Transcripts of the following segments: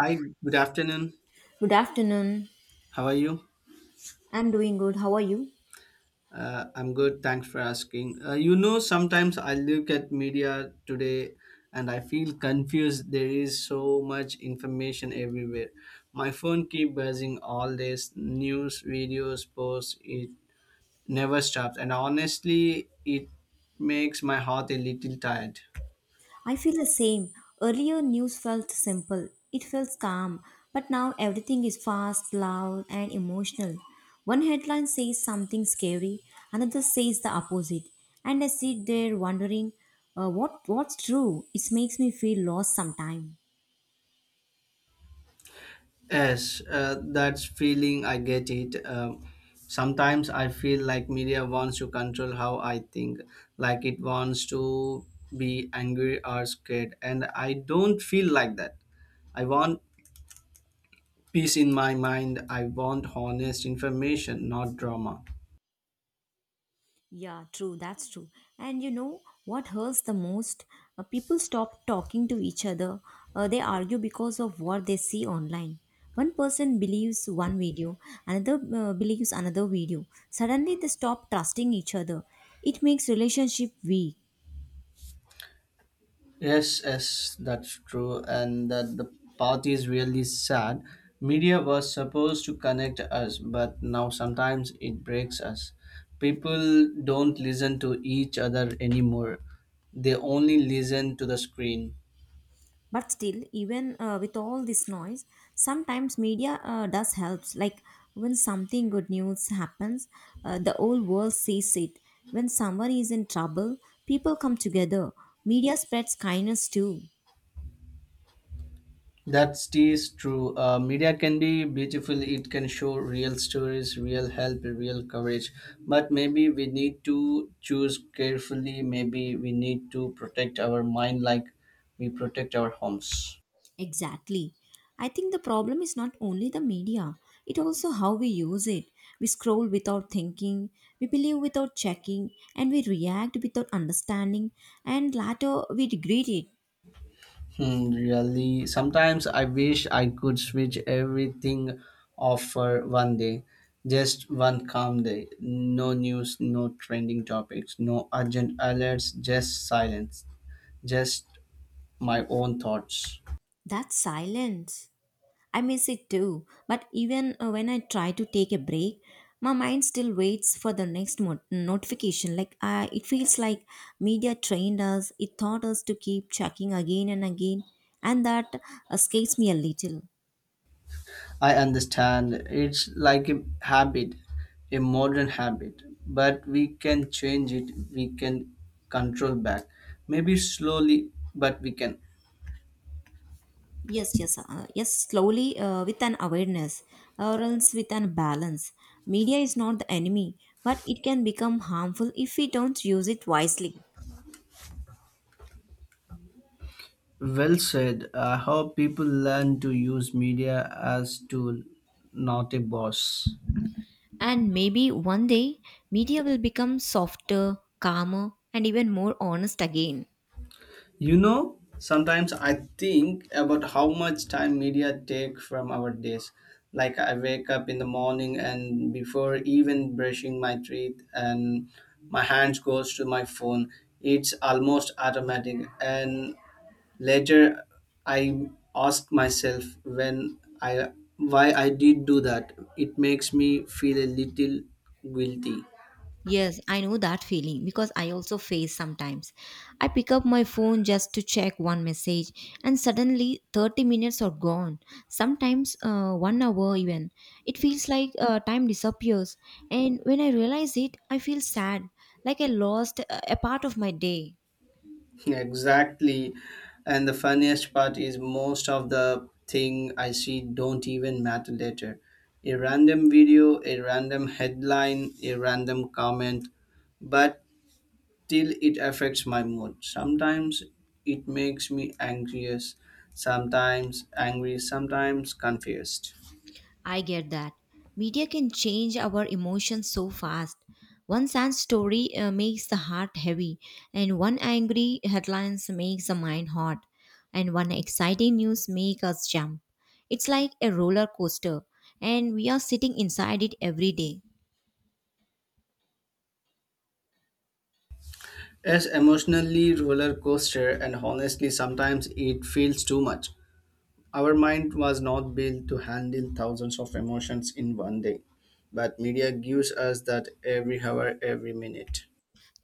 Hi, good afternoon. Good afternoon. How are you? I'm doing good. How are you? I'm good. Thanks for asking. Sometimes I look at media today and I feel confused. There is so much information everywhere. My phone keep buzzing all this news, videos, posts. It never stops, and honestly, it makes my heart a little tired. I feel the same. Earlier, news felt simple, it felt calm, but now everything is fast, loud, and emotional. One headline says something scary, another says the opposite, and I sit there wondering what's true. It makes me feel lost sometimes. Yes, that's feeling. I get it. Sometimes I feel like media wants to control how I think, like it wants to be angry or scared, and I don't feel like that. I want peace in my mind. I want honest information, not drama. Yeah, true. That's true. And you know what hurts the most? People stop talking to each other. They argue because of what they see online. One person believes one video, another believes another video. Suddenly, they stop trusting each other. It makes relationship weak. Yes, yes, that's true, and that the path is really sad. Media was supposed to connect us, but now sometimes it breaks us. People don't listen to each other anymore, they only listen to the screen. But still, even with all this noise, sometimes media does helps, like when something good news happens, the whole world sees it. When someone is in trouble, people come together. Media spreads kindness too. That stays true. Media can be beautiful. It can show real stories, real help, real courage. But maybe we need to choose carefully. Maybe we need to protect our mind like we protect our homes. Exactly. I think the problem is not only the media, it also how we use it. We scroll without thinking, we believe without checking, and we react without understanding, and later we regret it. Hmm, really, sometimes I wish I could switch everything off for one day. Just one calm day. No news, no trending topics, no urgent alerts, just silence, just my own thoughts. That's silence. I miss it too, but even when I try to take a break, my mind still waits for the next notification. It feels like media trained us; it taught us to keep checking again and again, and that escapes me a little. I understand. It's like a habit, a modern habit, but we can change it, we can control back. Maybe slowly, but we can. Yes, yes, yes. Slowly, with an awareness, or else with an balance. Media is not the enemy, but it can become harmful if we don't use it wisely. Well said. I hope people learn to use media as tool, not a boss. And maybe one day, media will become softer, calmer, and even more honest again. Sometimes I think about how much time media take from our days. Like I wake up in the morning and before even brushing my teeth and my hands goes to my phone. It's almost automatic and later I ask myself when I why I did do that. It makes me feel a little guilty. Yes, I know that feeling because I also face sometimes. I pick up my phone just to check one message, and suddenly 30 minutes are gone. Sometimes one hour even. It feels like time disappears, and when I realize it, I feel sad, like I lost a part of my day. Exactly. And the funniest part is most of the thing I see don't even matter later. A random video, a random headline, a random comment, but till it affects my mood. Sometimes it makes me anxious, sometimes angry, sometimes confused. I get that. Media can change our emotions so fast. One sad story makes the heart heavy, and one angry headlines makes the mind hot, and one exciting news makes us jump. It's like a roller coaster, and we are sitting inside it every day. It's emotionally roller coaster and honestly sometimes it feels too much. Our mind was not built to handle thousands of emotions in one day, but media gives us that every hour, every minute.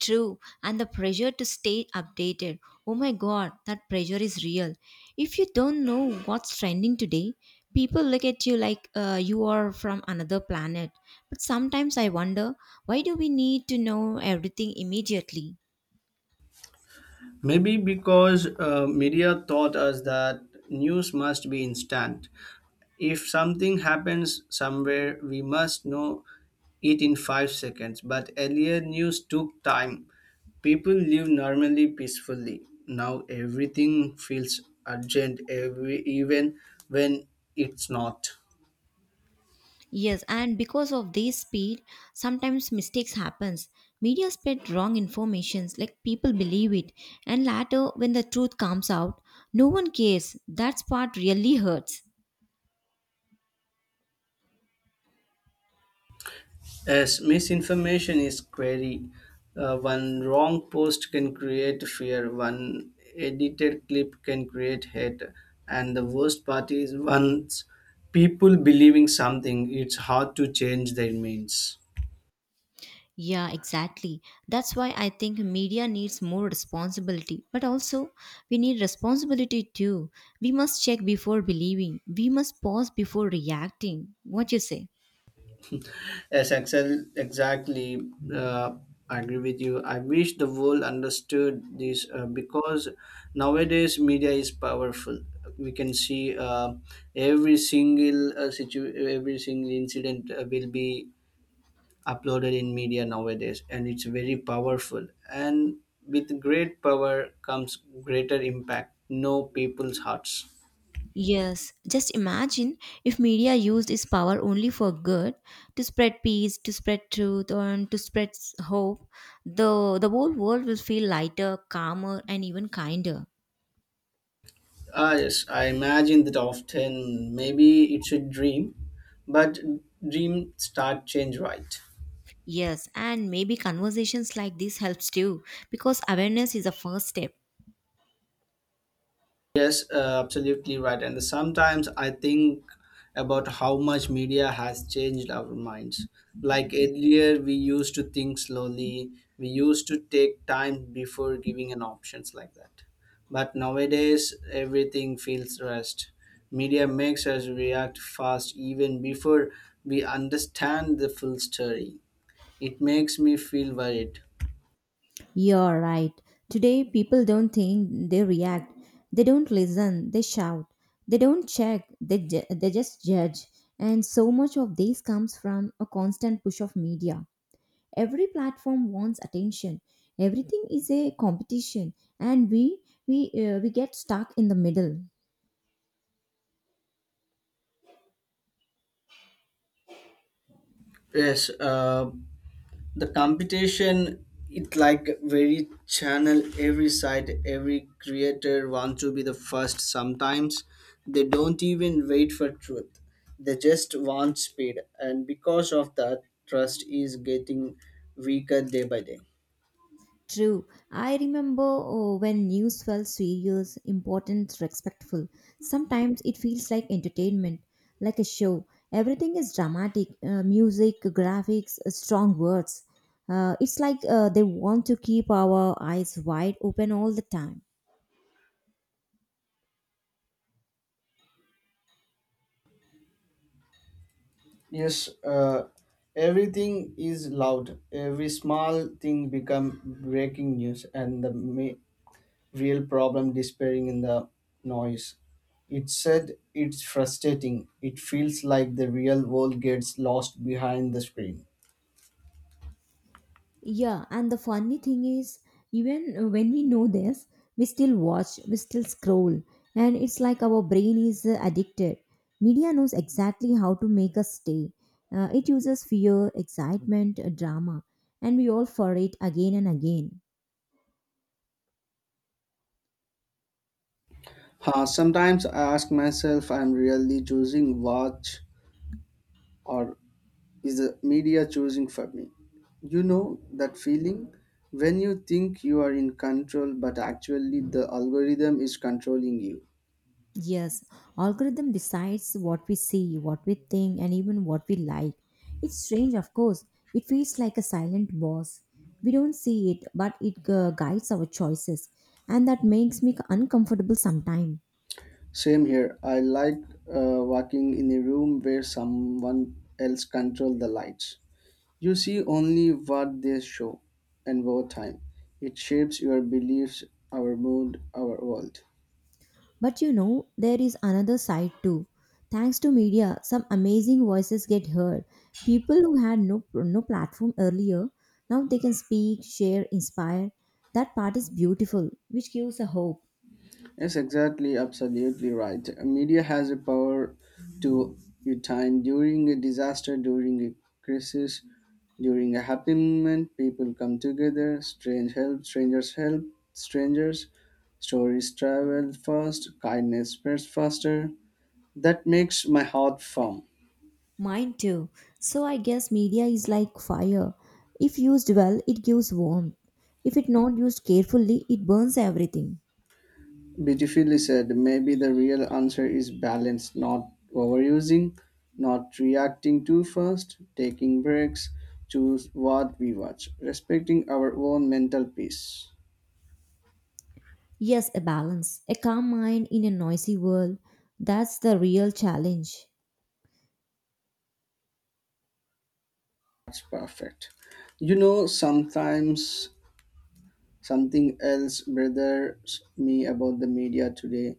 True, and the pressure to stay updated. Oh my god, that pressure is real. If you don't know what's trending today, people look at you like you are from another planet. But sometimes I wonder, why do we need to know everything immediately? Maybe because media taught us that news must be instant. If something happens somewhere, we must know it in 5 seconds. But earlier, news took time. People live normally, peacefully. Now everything feels urgent, every even when it's not. Yes, and because of this speed, sometimes mistakes happens. Media spread wrong informations like people believe it, and later when the truth comes out, no one cares. That part really hurts. As misinformation is scary, one wrong post can create fear, one edited clip can create hate, and the worst part is once people believing something, it's hard to change their minds. Yeah, exactly. That's why I think media needs more responsibility. But also, we need responsibility too. We must check before believing. We must pause before reacting. What you say? Yes, exactly. Uh, I agree with you. I wish the world understood this because nowadays media is powerful. We can see every single every single incident will be uploaded in media nowadays, and it's very powerful. And with great power comes greater impact. Know people's hearts. Yes, just imagine if media used its power only for good, to spread peace, to spread truth, and to spread hope, the whole world will feel lighter, calmer, and even kinder. Ah, yes, I imagine that often. Maybe it's a dream, but dream start change right. Yes, and maybe conversations like this helps too, because awareness is the first step. Yes, absolutely right. And sometimes I think about how much media has changed our minds. Like earlier, we used to think slowly. We used to take time before giving an options like that. But nowadays, everything feels rushed. Media makes us react fast even before we understand the full story. It makes me feel worried. You're right. Today, people don't think, they react. They don't listen, they shout. They don't check, they just judge. And so much of this comes from a constant push of media. Every platform wants attention. Everything is a competition, and we get stuck in the middle. Yes, the competition it like very channel, every side, every creator wants to be the first. Sometimes they don't even wait for truth, they just want speed, and because of that trust is getting weaker day by day. True. I remember oh, when news felt serious, important, respectful. Sometimes it feels like entertainment, like a show. Everything is dramatic, music, graphics, strong words. It's like they want to keep our eyes wide open all the time. Yes, everything is loud, every small thing become breaking news, and the real problem despairing in the noise. It said it's frustrating. It feels like the real world gets lost behind the screen. Yeah, and the funny thing is, even when we know this, we still watch, we still scroll, and it's like our brain is addicted. Media knows exactly how to make us stay. It uses fear, excitement, drama, and we all for it again and again. Huh, sometimes I ask myself, I'm really choosing watch or is the media choosing for me? You know that feeling when you think you are in control, but actually the algorithm is controlling you. Yes, algorithm decides what we see, what we think, and even what we like. It's strange, of course. It feels like a silent boss. We don't see it, but it guides our choices, and that makes me uncomfortable sometimes. Same here. I like walking in a room where someone else controls the lights. You see only what they show, and over time, it shapes your beliefs, our mood, our world. But you know, there is another side too. Thanks to media, some amazing voices get heard. People who had no platform earlier, now they can speak, share, inspire. That part is beautiful, which gives a hope. Yes, exactly, absolutely right. Media has a power to your time during a disaster, during a crisis, during a happy moment. People come together, strange help, strangers help, strangers. Stories travel fast, kindness spreads faster. That makes my heart firm. Mine too. So I guess media is like fire. If used well, it gives warmth. If it not used carefully, it burns everything. Beautifully said. Maybe the real answer is balance, not overusing, not reacting too fast, taking breaks, choose what we watch, respecting our own mental peace. Yes, a balance. A calm mind in a noisy world. That's the real challenge. That's perfect. Sometimes something else bothers me about the media today.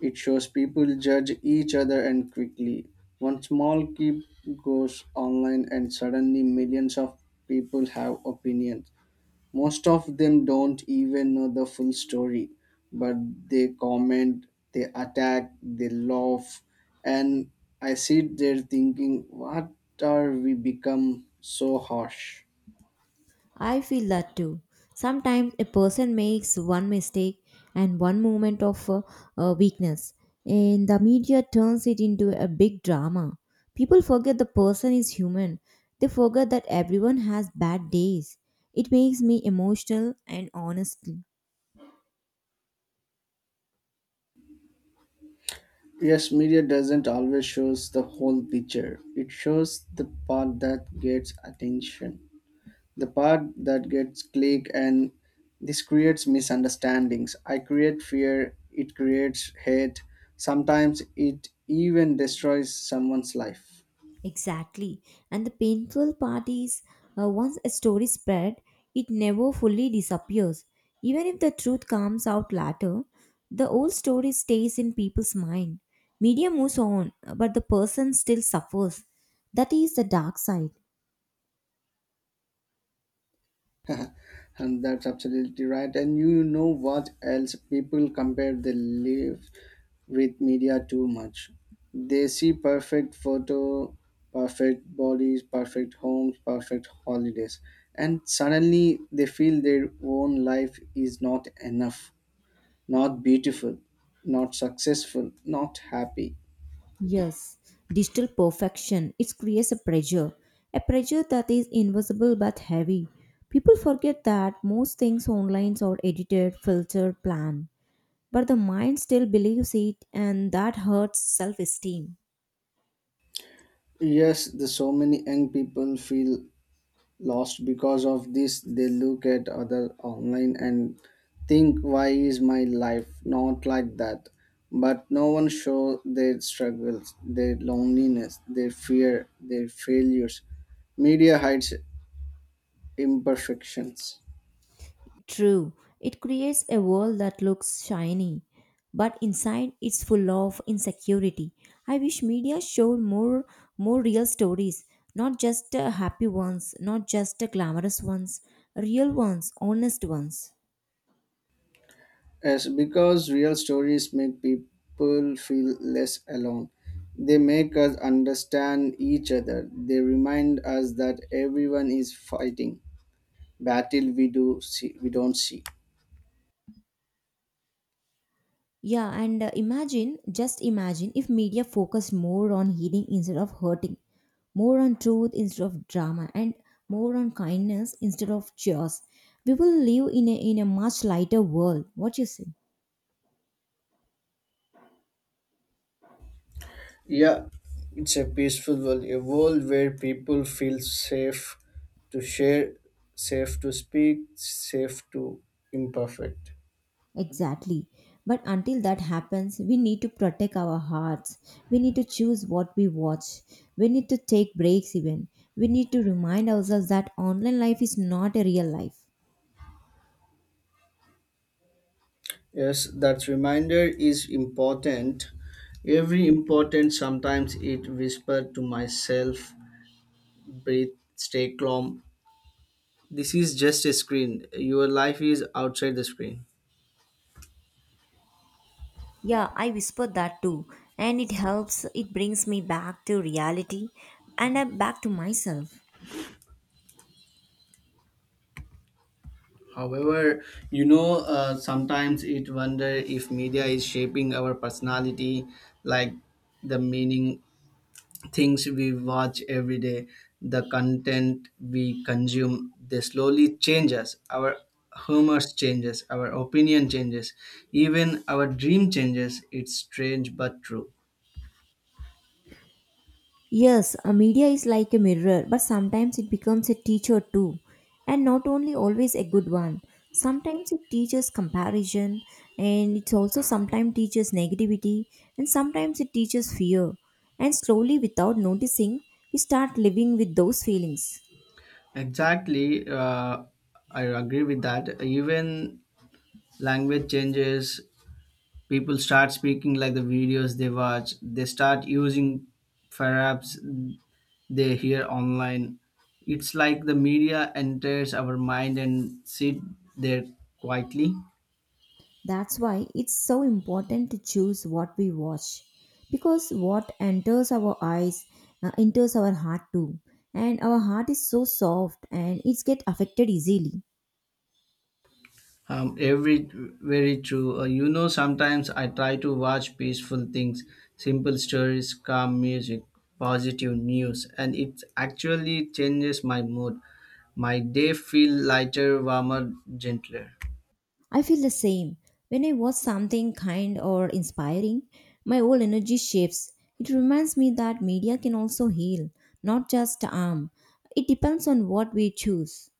It shows people judge each other and quickly. One small clip goes online, and suddenly millions of people have opinions. Most of them don't even know the full story, but they comment, they attack, they laugh, and I sit there thinking, what are we become so harsh? I feel that too. Sometimes a person makes one mistake and one moment of weakness, and the media turns it into a big drama. People forget the person is human, they forget that everyone has bad days. It makes me emotional and honest. Yes, media doesn't always shows the whole picture. It shows the part that gets attention, the part that gets click, and this creates misunderstandings, I create fear, it creates hate, sometimes it even destroys someone's life. Exactly. And the painful part is once a story spread, it never fully disappears. Even if the truth comes out later, the old story stays in people's mind. Media moves on, but the person still suffers. That is the dark side. And that's absolutely right. And you know what else, people compare their life with media too much. They see perfect photo, perfect bodies, perfect homes, perfect holidays, and suddenly they feel their own life is not enough. Not beautiful, not successful, not happy. Yes, digital perfection. It creates a pressure that is invisible but heavy. People forget that most things online are edited, filtered, planned. But the mind still believes it, and that hurts self esteem. Yes, the so many young people feel lost because of this. They look at other online and think, why is my life not like that? But no one show their struggles, their loneliness, their fear, their failures. Media hides imperfections. True, it creates a world that looks shiny, but inside it's full of insecurity. I wish media showed more, more real stories, not just happy ones, not just glamorous ones, real ones, honest ones. Yes, because real stories make people feel less alone. They make us understand each other. They remind us that everyone is fighting battle we do see we don't see. Yeah, and imagine, just imagine if media focused more on healing instead of hurting, more on truth instead of drama, and more on kindness instead of chaos. We will live in a much lighter world. What you say? Yeah, it's a peaceful world, a world where people feel safe to share, safe to speak, safe to imperfect. Exactly. But until that happens, we need to protect our hearts. We need to choose what we watch. We need to take breaks even. We need to remind ourselves that online life is not a real life. Yes, that reminder is important. Every important sometimes it whispered to myself breathe, stay calm. This is just a screen. Your life is outside the screen. Yeah, I whispered that too. And it helps, it brings me back to reality and I'm back to myself. However, sometimes it wonder if media is shaping our personality, like the meaning, things we watch every day, the content we consume. They slowly change us. Our humors changes, our opinion changes, even our dream changes. It's strange but true. Yes, a media is like a mirror, but sometimes it becomes a teacher too. And not only always a good one. Sometimes it teaches comparison, and it also sometimes teaches negativity, and sometimes it teaches fear. And slowly, without noticing, we start living with those feelings. Exactly, I agree with that. Even language changes, people start speaking like the videos they watch, they start using perhaps they hear online. It's like the media enters our mind and sit there quietly. That's why it's so important to choose what we watch, because what enters our eyes enters our heart too, and our heart is so soft and it gets affected easily. Every very true. Sometimes I try to watch peaceful things, simple stories, calm music, positive news, and it actually changes my mood. My day feel lighter, warmer, gentler. I feel the same when I watch something kind or inspiring, my whole energy shifts. It reminds me that media can also heal, not just harm. It depends on what we choose.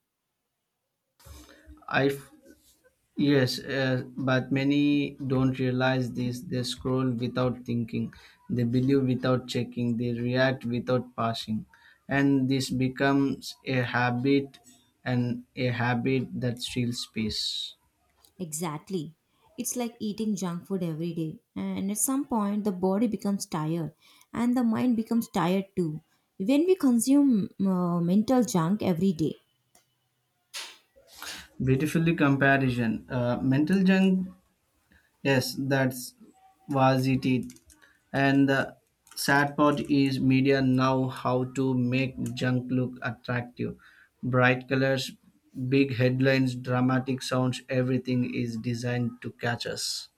I Yes, but many don't realize this. They scroll without thinking, they believe without checking, they react without passing, and this becomes a habit, and a habit that steals space. Exactly. It's like eating junk food every day. And at some point, the body becomes tired and the mind becomes tired too. When we consume mental junk every day, Beautifully comparison. Mental junk. Yes, that's was it. And the sad part is media now how to make junk look attractive. Bright colors, big headlines, dramatic sounds, everything is designed to catch us.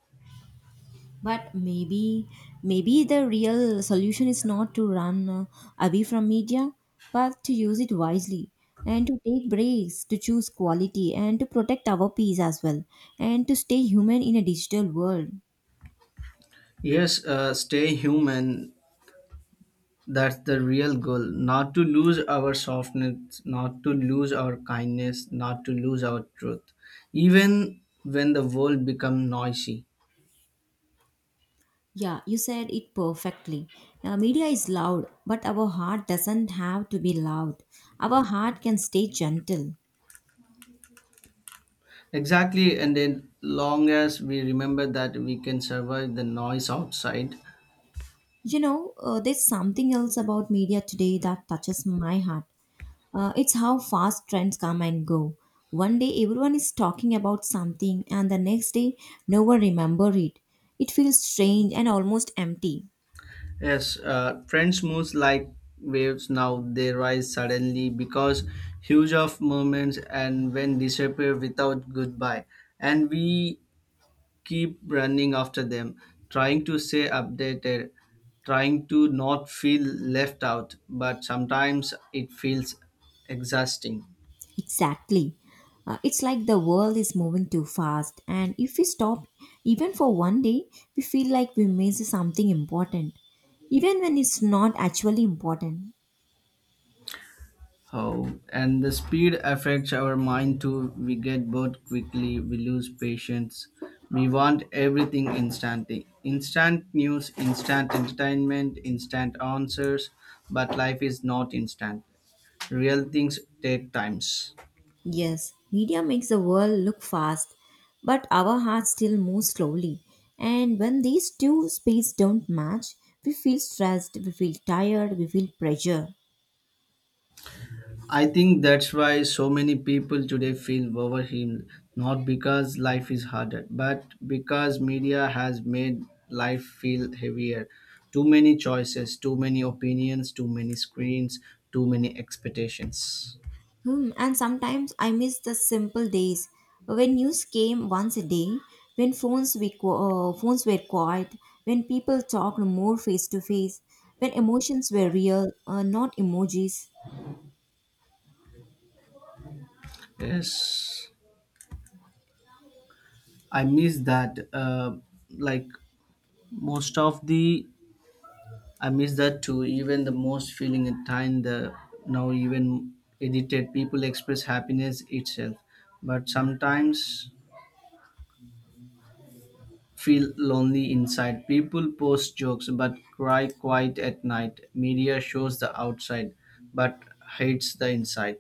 but maybe the real solution is not to run away from media, but to use it wisely, and to take breaks, to choose quality, and to protect our peace as well, and to stay human in a digital world. Yes, stay human. That's the real goal. Not to lose our softness, not to lose our kindness, not to lose our truth. Even when the world becomes noisy. Yeah, you said it perfectly. Media is loud, but our heart doesn't have to be loud. Our heart can stay gentle. Exactly, and then long as we remember that we can survive the noise outside. You know, there's something else about media today that touches my heart. It's how fast trends come and go. One day everyone is talking about something, and the next day no one remember it. It feels strange and almost empty. Yes, French moves like waves. Now they rise suddenly because huge of moments and when disappear without goodbye, and we keep running after them, trying to stay updated, trying to not feel left out, but sometimes it feels exhausting. Exactly. It's like the world is moving too fast, and if we stop even for one day, we feel like we miss something important, even when it's not actually important. Oh, and the speed affects our mind too. We get bored quickly, we lose patience. We want everything instantly. Instant news, instant entertainment, instant answers, but life is not instant. Real things take times. Yes, media makes the world look fast, but our hearts still move slowly. And when these two speeds don't match, we feel stressed, we feel tired, we feel pressure. I think that's why so many people today feel overwhelmed, not because life is harder, but because media has made life feel heavier. Too many choices, too many opinions, too many screens, too many expectations. Hmm, and sometimes I miss the simple days when news came once a day, when phones were quiet, when people talked more face to face, when emotions were real, not emojis. Yes, I miss that. Like most of the, I miss that too. Even the most feeling at time, the now even edited people express happiness itself, but sometimes feel lonely inside. People post jokes but cry quiet at night. Media shows the outside but hates the inside.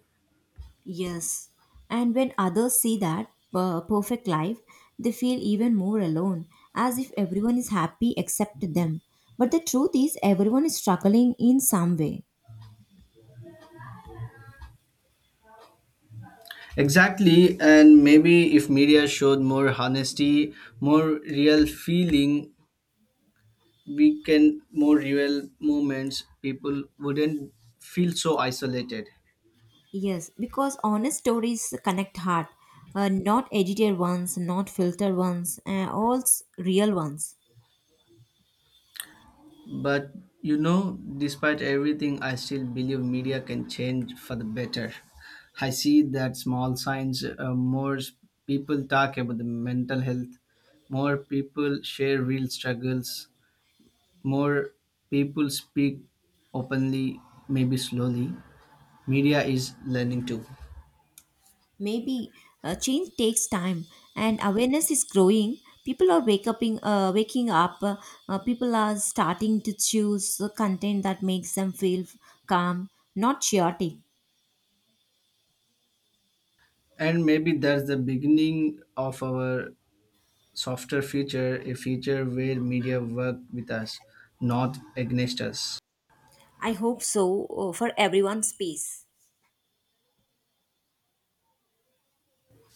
Yes. And when others see that perfect life, they feel even more alone, as if everyone is happy except them. But the truth is, everyone is struggling in some way. Exactly, and maybe if media showed more honesty, more real feeling, we can more real moments, people wouldn't feel so isolated. Yes, because honest stories connect heart, not edited ones, not filtered ones, all real ones. But despite everything, I still believe media can change for the better. I see that small signs, more people talk about the mental health, more people share real struggles, more people speak openly, maybe slowly. Media is learning too. Maybe change takes time, and awareness is growing. People are wake up in, waking up. People are starting to choose the content that makes them feel calm, not chaotic. And maybe that's the beginning of our softer future, a future where media work with us, not against us. I hope so for everyone's peace.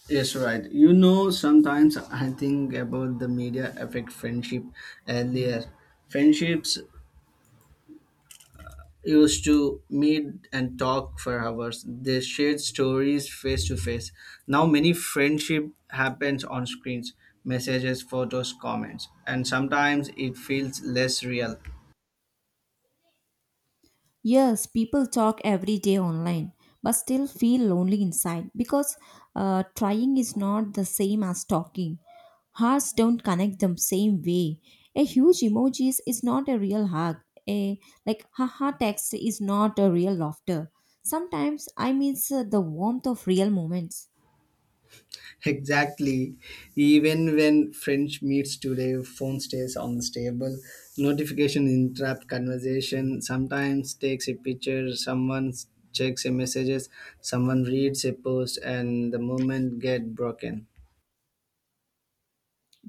Yes, right. Sometimes I think about the media affect friendship earlier. Friendships used to meet and talk for hours. They shared stories face to face. Now many friendship happens on screens, messages, photos, comments, and sometimes it feels less real. Yes, people talk every day online, but still feel lonely inside, because trying is not the same as talking. Hearts don't connect the same way. A huge emojis is not a real hug. A like haha text is not a real laughter. Sometimes I miss the warmth of real moments. Exactly. Even when French meets today, phone stays on the table. Notification interrupt conversation. Sometimes takes a picture. Someone checks a messages. Someone reads a post, and the moment get broken.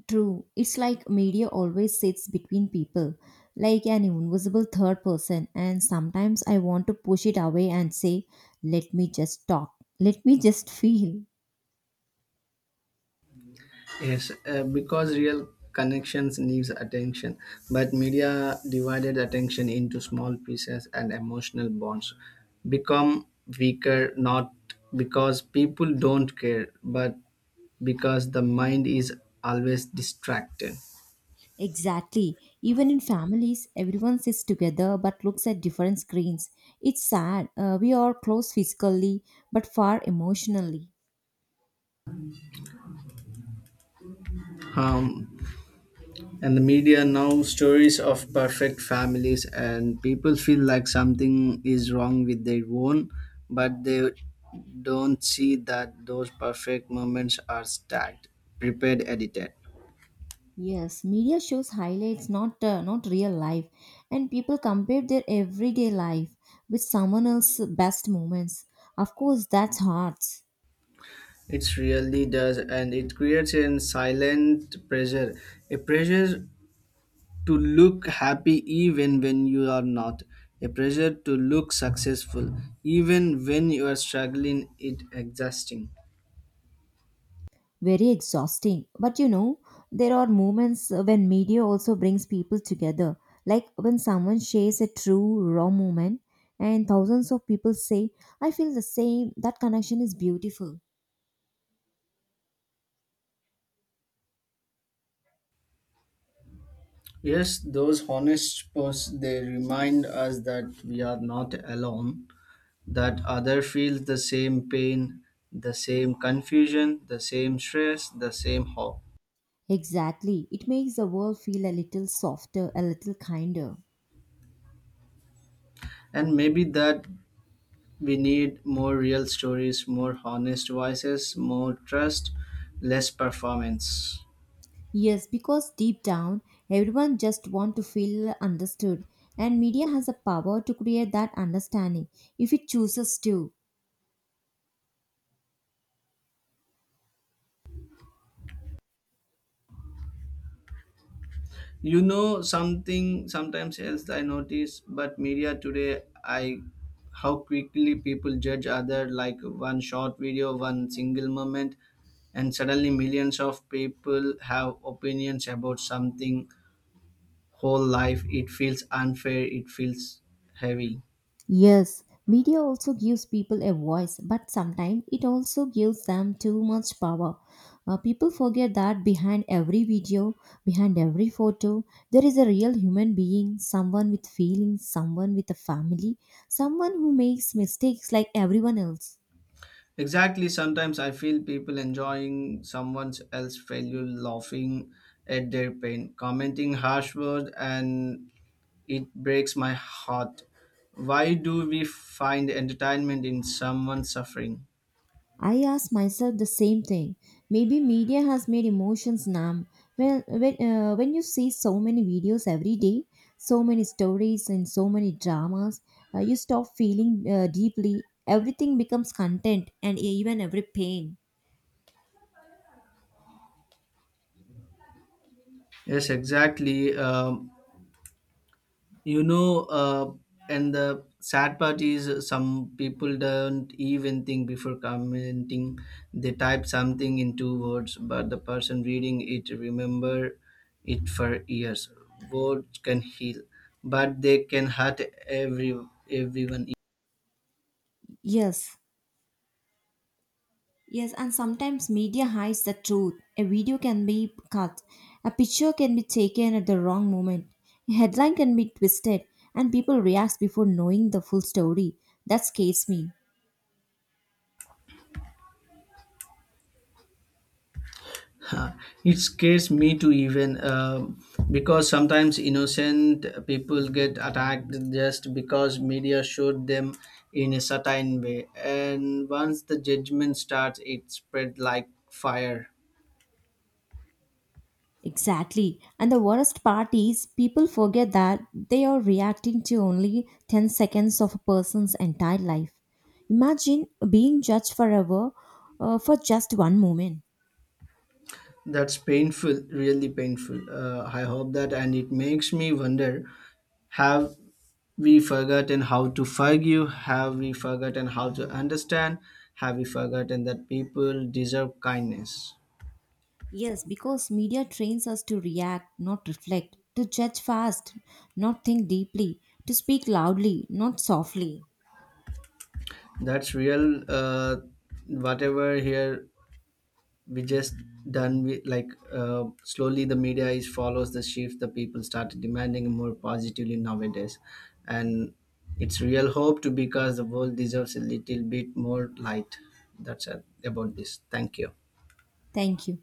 True. It's like media always sits between people, like an invisible third person, and sometimes I want to push it away and say, let me just talk, let me just feel. Yes, because real connections needs attention, but media divided attention into small pieces and emotional bonds become weaker not because people don't care, but because the mind is always distracted. Exactly. Even in families, everyone sits together but looks at different screens. It's sad. We are close physically but far emotionally. Um, and the media now stories of perfect families, and people feel like something is wrong with their own, but they don't see that those perfect moments are stacked, prepared, edited. Yes, media shows highlights, not real life, and people compare their everyday life with someone else's best moments. Of course, that's hard, It really does, and it creates a silent pressure, a pressure to look happy even when you are not, a pressure to look successful even when you are struggling. It exhausting. very exhausting. But you know, there are moments when media also brings people together, like when someone shares a true raw moment, and thousands of people say, "I feel the same." That connection is beautiful. Yes, those honest posts they remind us that we are not alone, that other feels the same pain, the same confusion, the same stress, the same hope. Exactly, it makes the world feel a little softer, a little kinder. And maybe that we need more real stories, more honest voices, more trust, less performance. Yes, because deep down, everyone just want to feel understood, and media has the power to create that understanding if it chooses to. You know something sometimes else I notice, but media today I how quickly people judge other like one short video, one single moment, and suddenly millions of people have opinions about something whole life. It feels unfair, it feels heavy. Yes, media also gives people a voice, but sometimes it also gives them too much power. People forget that behind every video, behind every photo, there is a real human being, someone with feelings, someone with a family, someone who makes mistakes like everyone else. Exactly, sometimes I feel people enjoying someone else's failure, laughing at their pain, commenting harsh words and it breaks my heart. Why do we find entertainment in someone suffering? I ask myself the same thing. Maybe media has made emotions numb. Well, when you see so many videos every day, so many stories and so many dramas, you stop feeling deeply. Everything becomes content and even every pain. Yes, exactly. You know, uh, and the sad part is some people don't even think before commenting. They type something in two words, but the person reading it remember it for years. Words can heal, but they can hurt every everyone. Yes, yes, and sometimes media hides the truth. A video can be cut, a picture can be taken at the wrong moment, a headline can be twisted, and people react before knowing the full story. That scares me. Huh. It scares me to even because sometimes innocent people get attacked just because media showed them in a certain way. And once the judgment starts, it spread like fire. Exactly. And the worst part is people forget that they are reacting to only 10 seconds of a person's entire life. Imagine being judged forever for just one moment. That's painful, really painful. I hope that, and it makes me wonder: Have we forgotten how to forgive? Have we forgotten how to understand? Have we forgotten that people deserve kindness? Yes, because media trains us to react, not reflect, to judge fast, not think deeply, to speak loudly, not softly. That's real. Whatever here we just done, we, like slowly the media is follows the shift. The people started demanding more positively nowadays, and it's real hope to because the world deserves a little bit more light. That's it about this. Thank you. Thank you.